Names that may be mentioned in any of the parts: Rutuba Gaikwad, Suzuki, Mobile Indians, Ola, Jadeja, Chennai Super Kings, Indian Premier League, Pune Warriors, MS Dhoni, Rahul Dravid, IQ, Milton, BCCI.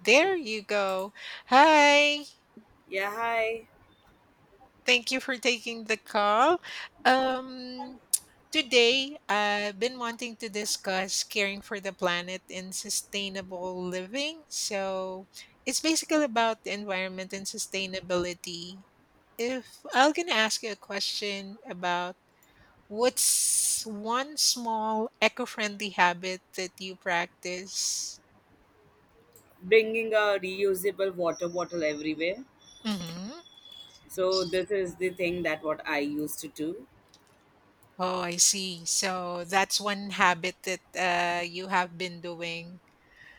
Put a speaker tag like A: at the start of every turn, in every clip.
A: There you go. Hi.
B: Yeah, hi.
A: Thank you for taking the call. Um, Today, I've been wanting to discuss caring for the planet and sustainable living. So, it's basically about the environment and sustainability. If I'm going to ask you a question about what's one small eco friendly habit that you practice?
B: Bringing a reusable water bottle everywhere.
A: Mhm.
B: So this is the thing that what I used to do.
A: Oh, I see. So that's one habit that you have been doing.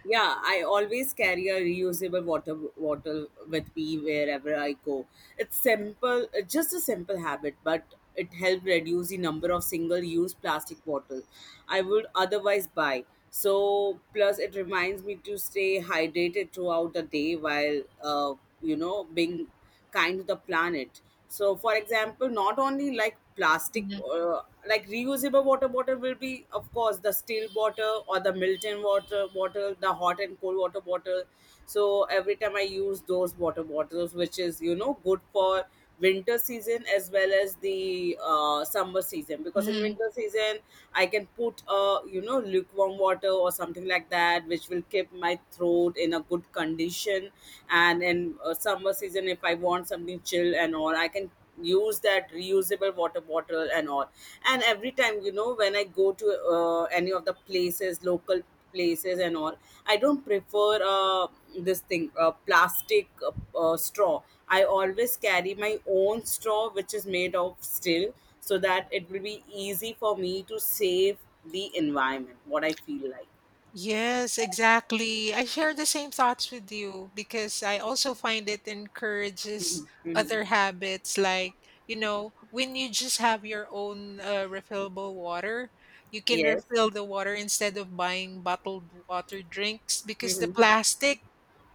B: Yeah, I always carry a reusable water bottle with me wherever I go. It's simple, it's just a simple habit, but it helps reduce the number of single-use plastic bottle. I would otherwise buy. So, plus it reminds me to stay hydrated throughout the day while being kind to the planet. So, for example, not only like plastic,
A: Mhm.
B: like reusable water bottle will be, of course, the steel bottle or the Milton water bottle, the hot and cold water bottle, so every time I use those water bottles which is good for winter season as well as the summer season, because in
A: Mhm.
B: winter season I can put a lukewarm water or something like that which will keep my throat in a good condition. And in summer season, if I want something chill and all I can use that reusable water bottle and all. And every time when I go to any of the places, local places and all, I don't prefer this thing, plastic, straw. I always carry my own straw which is made of steel, so that it will be easy for me to save the environment, what I feel like.
A: Yes, exactly. I share the same thoughts with you because I also find it encourages
B: Mhm. Mhm.
A: other habits like, you know, when you just have your own refillable water, you can
B: Yes.
A: refill the water instead of buying bottled water drinks because the
B: Hmm.
A: plastic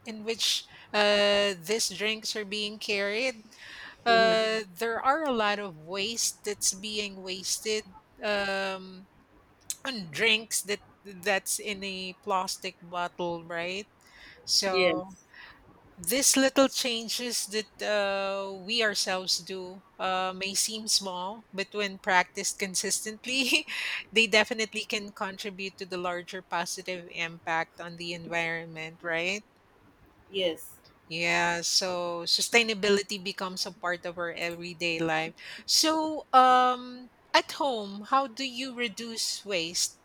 A: in which these drinks are being carried.
B: Hmm.
A: There are a lot of waste that's being wasted, um, on drinks that that's in a plastic bottle, right?
B: Yes.
A: So these little changes that we ourselves do may seem small, but when practiced consistently, they definitely can contribute to the larger positive impact on the environment, right?
B: Yes.
A: Yeah, so sustainability becomes a part of our everyday life. So, at home, how do you reduce waste?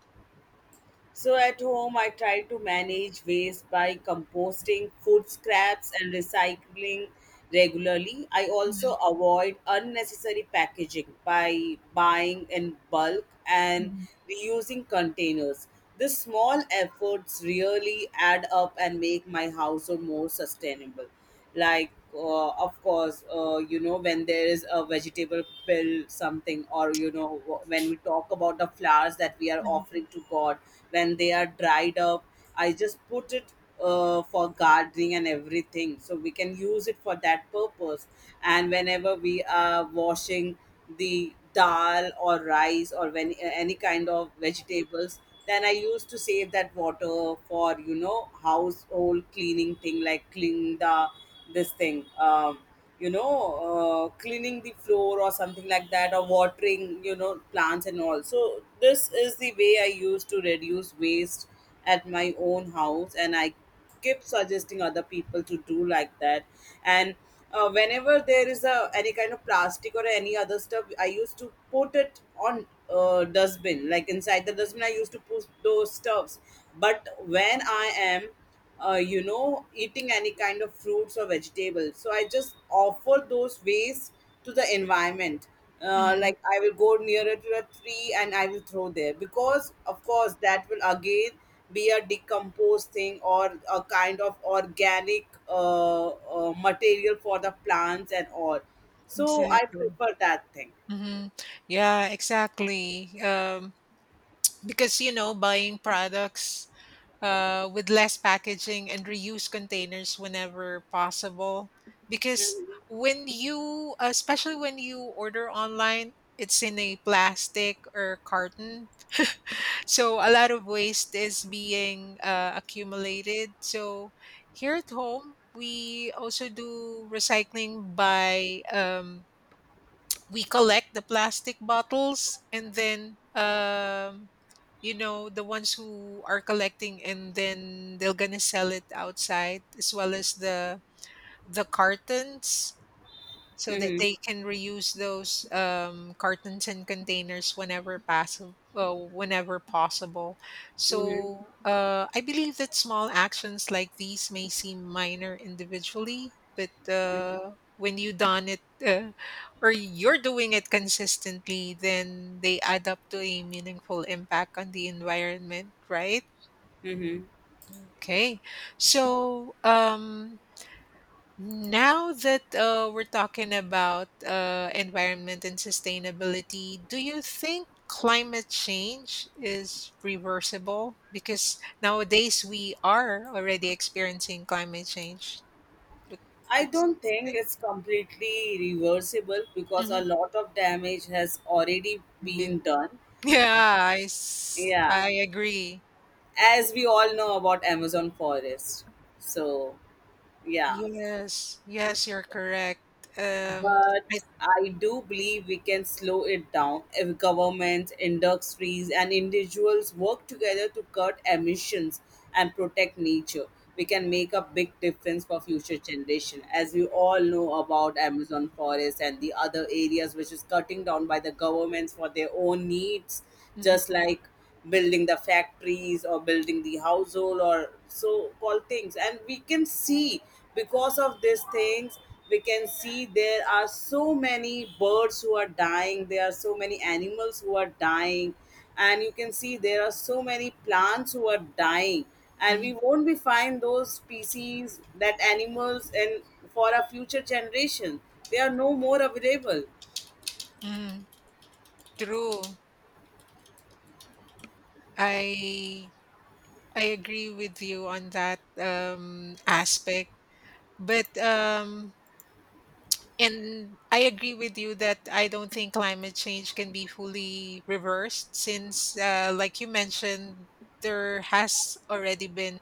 B: So at home, I try to manage waste by composting food scraps and recycling regularly. I also avoid unnecessary packaging by buying in bulk and
A: Mhm,
B: reusing containers. These small efforts really add up and make my household more sustainable, like of course, when there is a vegetable pill something, or when we talk about the flowers that we are
A: mhm,
B: offering to god, when they are dried up I just put it for gardening and everything, so we can use it for that purpose. And whenever we are washing the dal or rice, or when, any kind of vegetables, then I used to save that water for household cleaning thing, like clean the this thing, cleaning the floor or something like that, or watering plants and all. So this is the way I used to reduce waste at my own house, and I keep suggesting other people to do like that. And whenever there is a any kind of plastic or any other stuff, I used to put it on dustbin, like inside the dustbin I used to put those stuffs. But when I am eating any kind of fruits or vegetables, so I just offer those waste to the environment. uh,
A: mhm.
B: like I will go nearer to a tree and I will throw there, because of course that will again be a decomposed thing or a kind of organic material for the plants and all. So I
A: Exactly.
B: prefer that thing.
A: Hmm. Yeah, exactly. Because you know, buying products with less packaging and reuse containers whenever possible. Because when you, especially when you order online, it's in a plastic or carton. So a lot of waste is being accumulated. So here at home, we also do recycling by we collect the plastic bottles and then, you know, the ones who are collecting and then they're gonna sell it outside, as well as the cartons, so that
B: Mm-hmm.
A: they can reuse those, cartons and containers whenever possible, whenever possible.
B: Mm-hmm.
A: So I believe that small actions like these may seem minor individually, but
B: Mm-hmm.
A: when you done it, uh, or you're doing it consistently, then they add up to a meaningful impact on the environment, right?
B: Mm-hmm.
A: Okay. So now that we're talking about environment and sustainability, do you think climate change is reversible? Because nowadays we are already experiencing climate change. What,
B: I
A: what's
B: don't think it's completely reversible because a
A: Mhm.
B: lot of damage has already
A: I mean,
B: been done.
A: yeah,
B: Yeah,
A: I agree.
B: as we all know about Amazon forest. So. Yeah,
A: Yes, yes, you're correct. Um, I,
B: but I do believe we can slow it down if governments, industries, and individuals work together to cut emissions and protect nature. We can make a big difference for future generation, as we all know about Amazon forest and the other areas which is cutting down by the governments for their own needs,
A: Mhm,
B: just like building the factories or building the household or so called things. And we can see, because of these things we can see there are so many birds who are dying, there are so many animals who are dying, and you can see there are so many plants who are dying, and we
A: mhm,
B: won't be find those species, that animals, and for our future generation they are no more available.
A: mhm. True. I I agree with you on that aspect. But, and I agree with you that I don't think climate change can be fully reversed since, like you mentioned, there has already been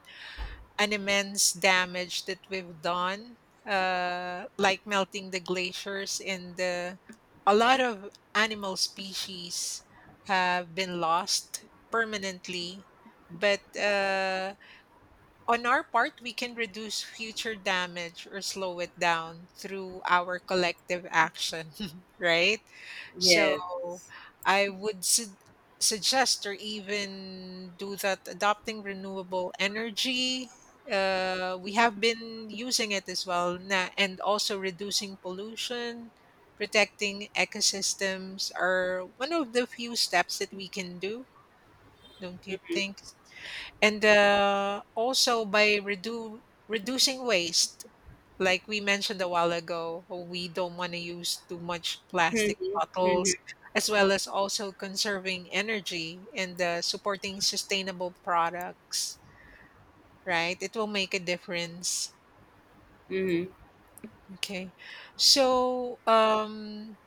A: an immense damage that we've done, like melting the glaciers and the, a lot of animal species have been lost permanently. But, on our part, we can reduce future damage or slow it down through our collective action, right? So
B: Yes.
A: I would suggest or even do that adopting renewable energy. We have been using it as well, and also reducing pollution, protecting ecosystems are one of the few steps that we can do, don't you think? And also by reducing waste, like we mentioned a while ago, we don't want to use too much plastic bottles, as well as also conserving energy and supporting sustainable products, right? It will make a difference.
B: Mhm.
A: Okay. So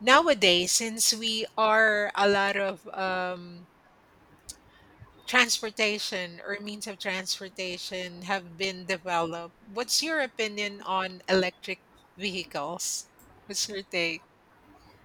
A: nowadays since we are a lot of transportation or means of transportation have been developed. What's your opinion on electric vehicles? What's your take?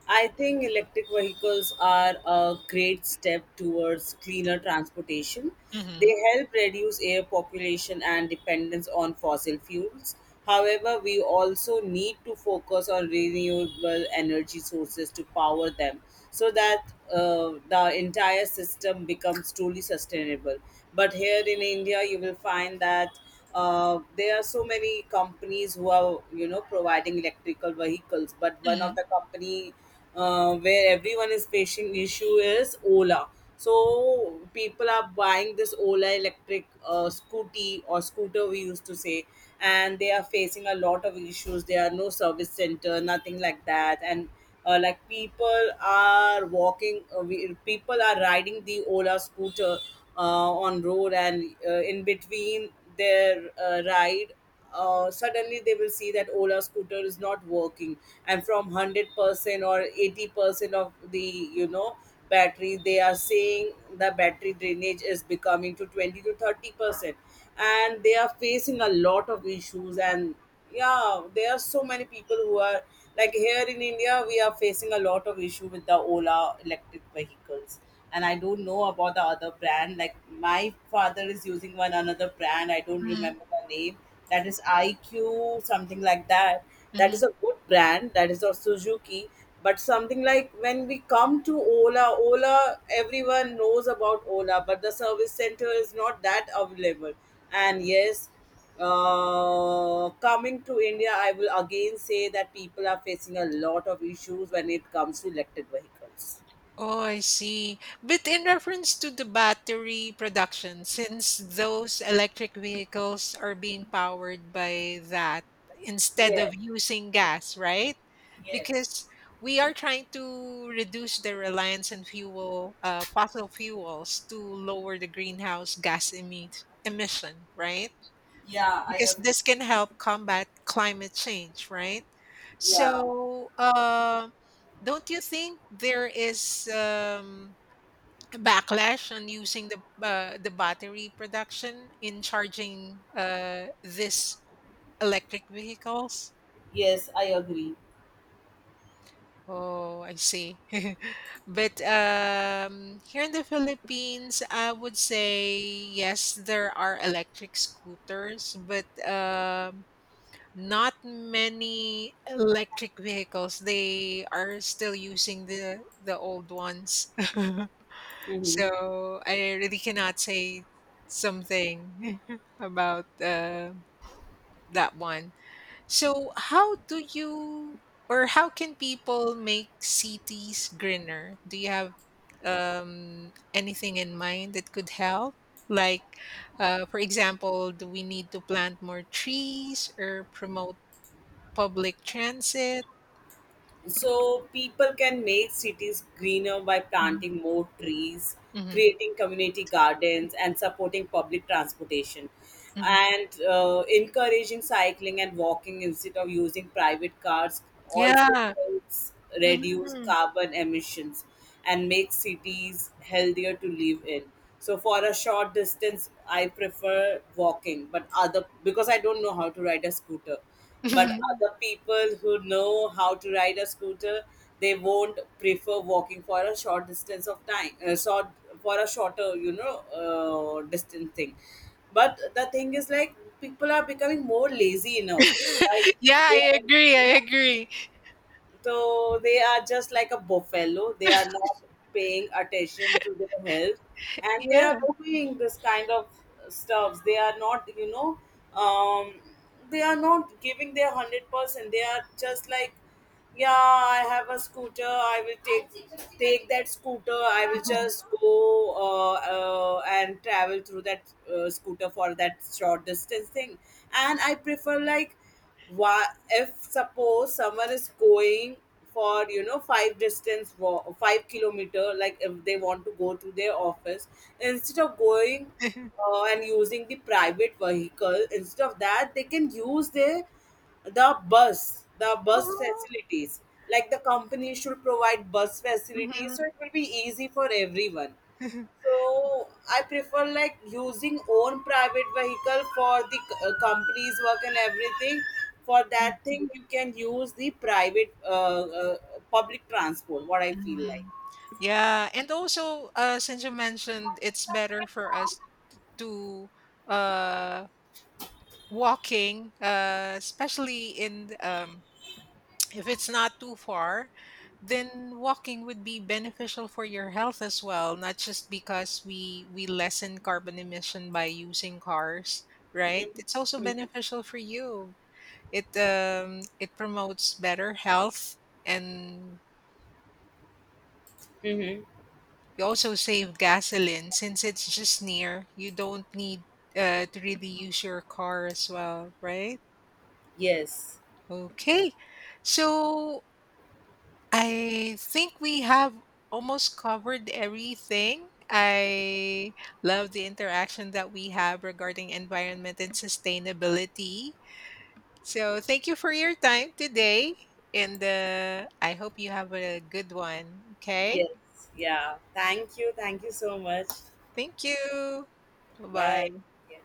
B: I think electric vehicles are a great step towards cleaner transportation. They
A: Mm-hmm.
B: help reduce air population and dependence on fossil fuels. However, we also need to focus on renewable energy sources to power them, so that the entire system becomes truly sustainable. But here in India, you will find that there are so many companies who are providing electrical vehicles, but one of
A: Mm-hmm.
B: the company where everyone is facing issue is Ola. So people are buying this Ola electric scooty or scooter we used to say, and they are facing a lot of issues. There are no service center, nothing like that, and like people are walking, people are riding the Ola scooter on road, and in between their ride suddenly they will see that Ola scooter is not working, and from 100% or 80% of the battery, they are saying the battery drainage is becoming to 20 to 30%, and they are facing a lot of issues. And yeah, there are so many people who are like here in India, we are facing a lot of issue with the Ola electric vehicles, and I don't know about the other brand. Like my father is using one another brand. I don't
A: Mm-hmm,
B: remember the name. That is IQ something like that. That
A: mm-hmm.
B: is a good brand. That is of Suzuki. But something like when we come to Ola, everyone knows about Ola, but the service center is not that available. And yes, coming to India, I will again say that people are facing a lot of issues when it comes to electric vehicles.
A: Oh, I see. But in reference to the battery production, since those electric vehicles are being powered by that instead
B: Yes.
A: of using gas, right?
B: Yes.
A: Because we are trying to reduce the reliance on fuel, fossil fuels to lower the greenhouse gas emit emission, right?
B: Yeah, I
A: Because
B: agree.
A: this can help combat climate change, right?
B: Yeah.
A: So, don't you think there is a backlash on using the battery production in charging this electric vehicles?
B: Yes, I agree.
A: Oh, I see. But here in the Philippines, I would say yes, there are electric scooters, but not many electric vehicles. They are still using the old ones.
B: Hmm.
A: So I really cannot say something about that one. So how do you, or how can people make cities greener? Do you have anything in mind that could help? Like, for example, do we need to plant more trees or promote public transit?
B: So people can make cities greener by
A: Mhm,
B: planting more trees,
A: mhm,
B: creating community gardens, and supporting public transportation,
A: mhm.
B: and encouraging cycling and walking instead of using private cars also
A: Yeah.
B: helps reduce
A: Mhm.
B: carbon emissions and make cities healthier to live in. So for a short distance, I prefer walking, but other because I don't know how to ride a scooter, but other people who know how to ride a scooter, they won't prefer walking for a short distance of time, short for a shorter, distance thing. But the thing is, like, people are becoming more lazy enough. Like,
A: Yeah,
B: they
A: I agree, I
B: are,
A: agree.
B: so they are just like a buffalo. They are not paying attention to their health, and they
A: Yeah.
B: are doing this kind of stuffs. They are not, you know, um, they are not giving their 100%. They are just like, yeah, I have a scooter. I will take that scooter. I will just go and travel through that scooter for that short distance thing. And I prefer like, why, if suppose someone is going for five distance walk, 5 kilometer, like if they want to go to their office, instead of going and using the private vehicle, instead of that, they can use the bus
A: Oh.
B: facilities. Like the company should provide bus facilities, so
A: Mhm.
B: it will be easy for everyone.
A: Mhm.
B: So I prefer like using own private vehicle for the company's work and everything. For that thing, you can use the private uh, public transport. What I feel like.
A: Yeah, and also, since you mentioned it's better for us to, uh walking, especially in, if it's not too far, then walking would be beneficial for your health as well, not just because we lessen carbon emission by using cars, right?
B: Mm-hmm.
A: It's also beneficial for you. It, it promotes better health, and
B: Mm-hmm.
A: you also save gasoline since it's just near. You don't need to really use your car as well, right?
B: Yes.
A: Okay. So I think we have almost covered everything. I love the interaction that we have regarding environment and sustainability. So, thank you for your time today. And I hope you have a good one. Okay.
B: Yes. Yeah. Thank you. Thank you so much.
A: Thank you. Bye
B: Bye.
A: bye.
B: Yeah.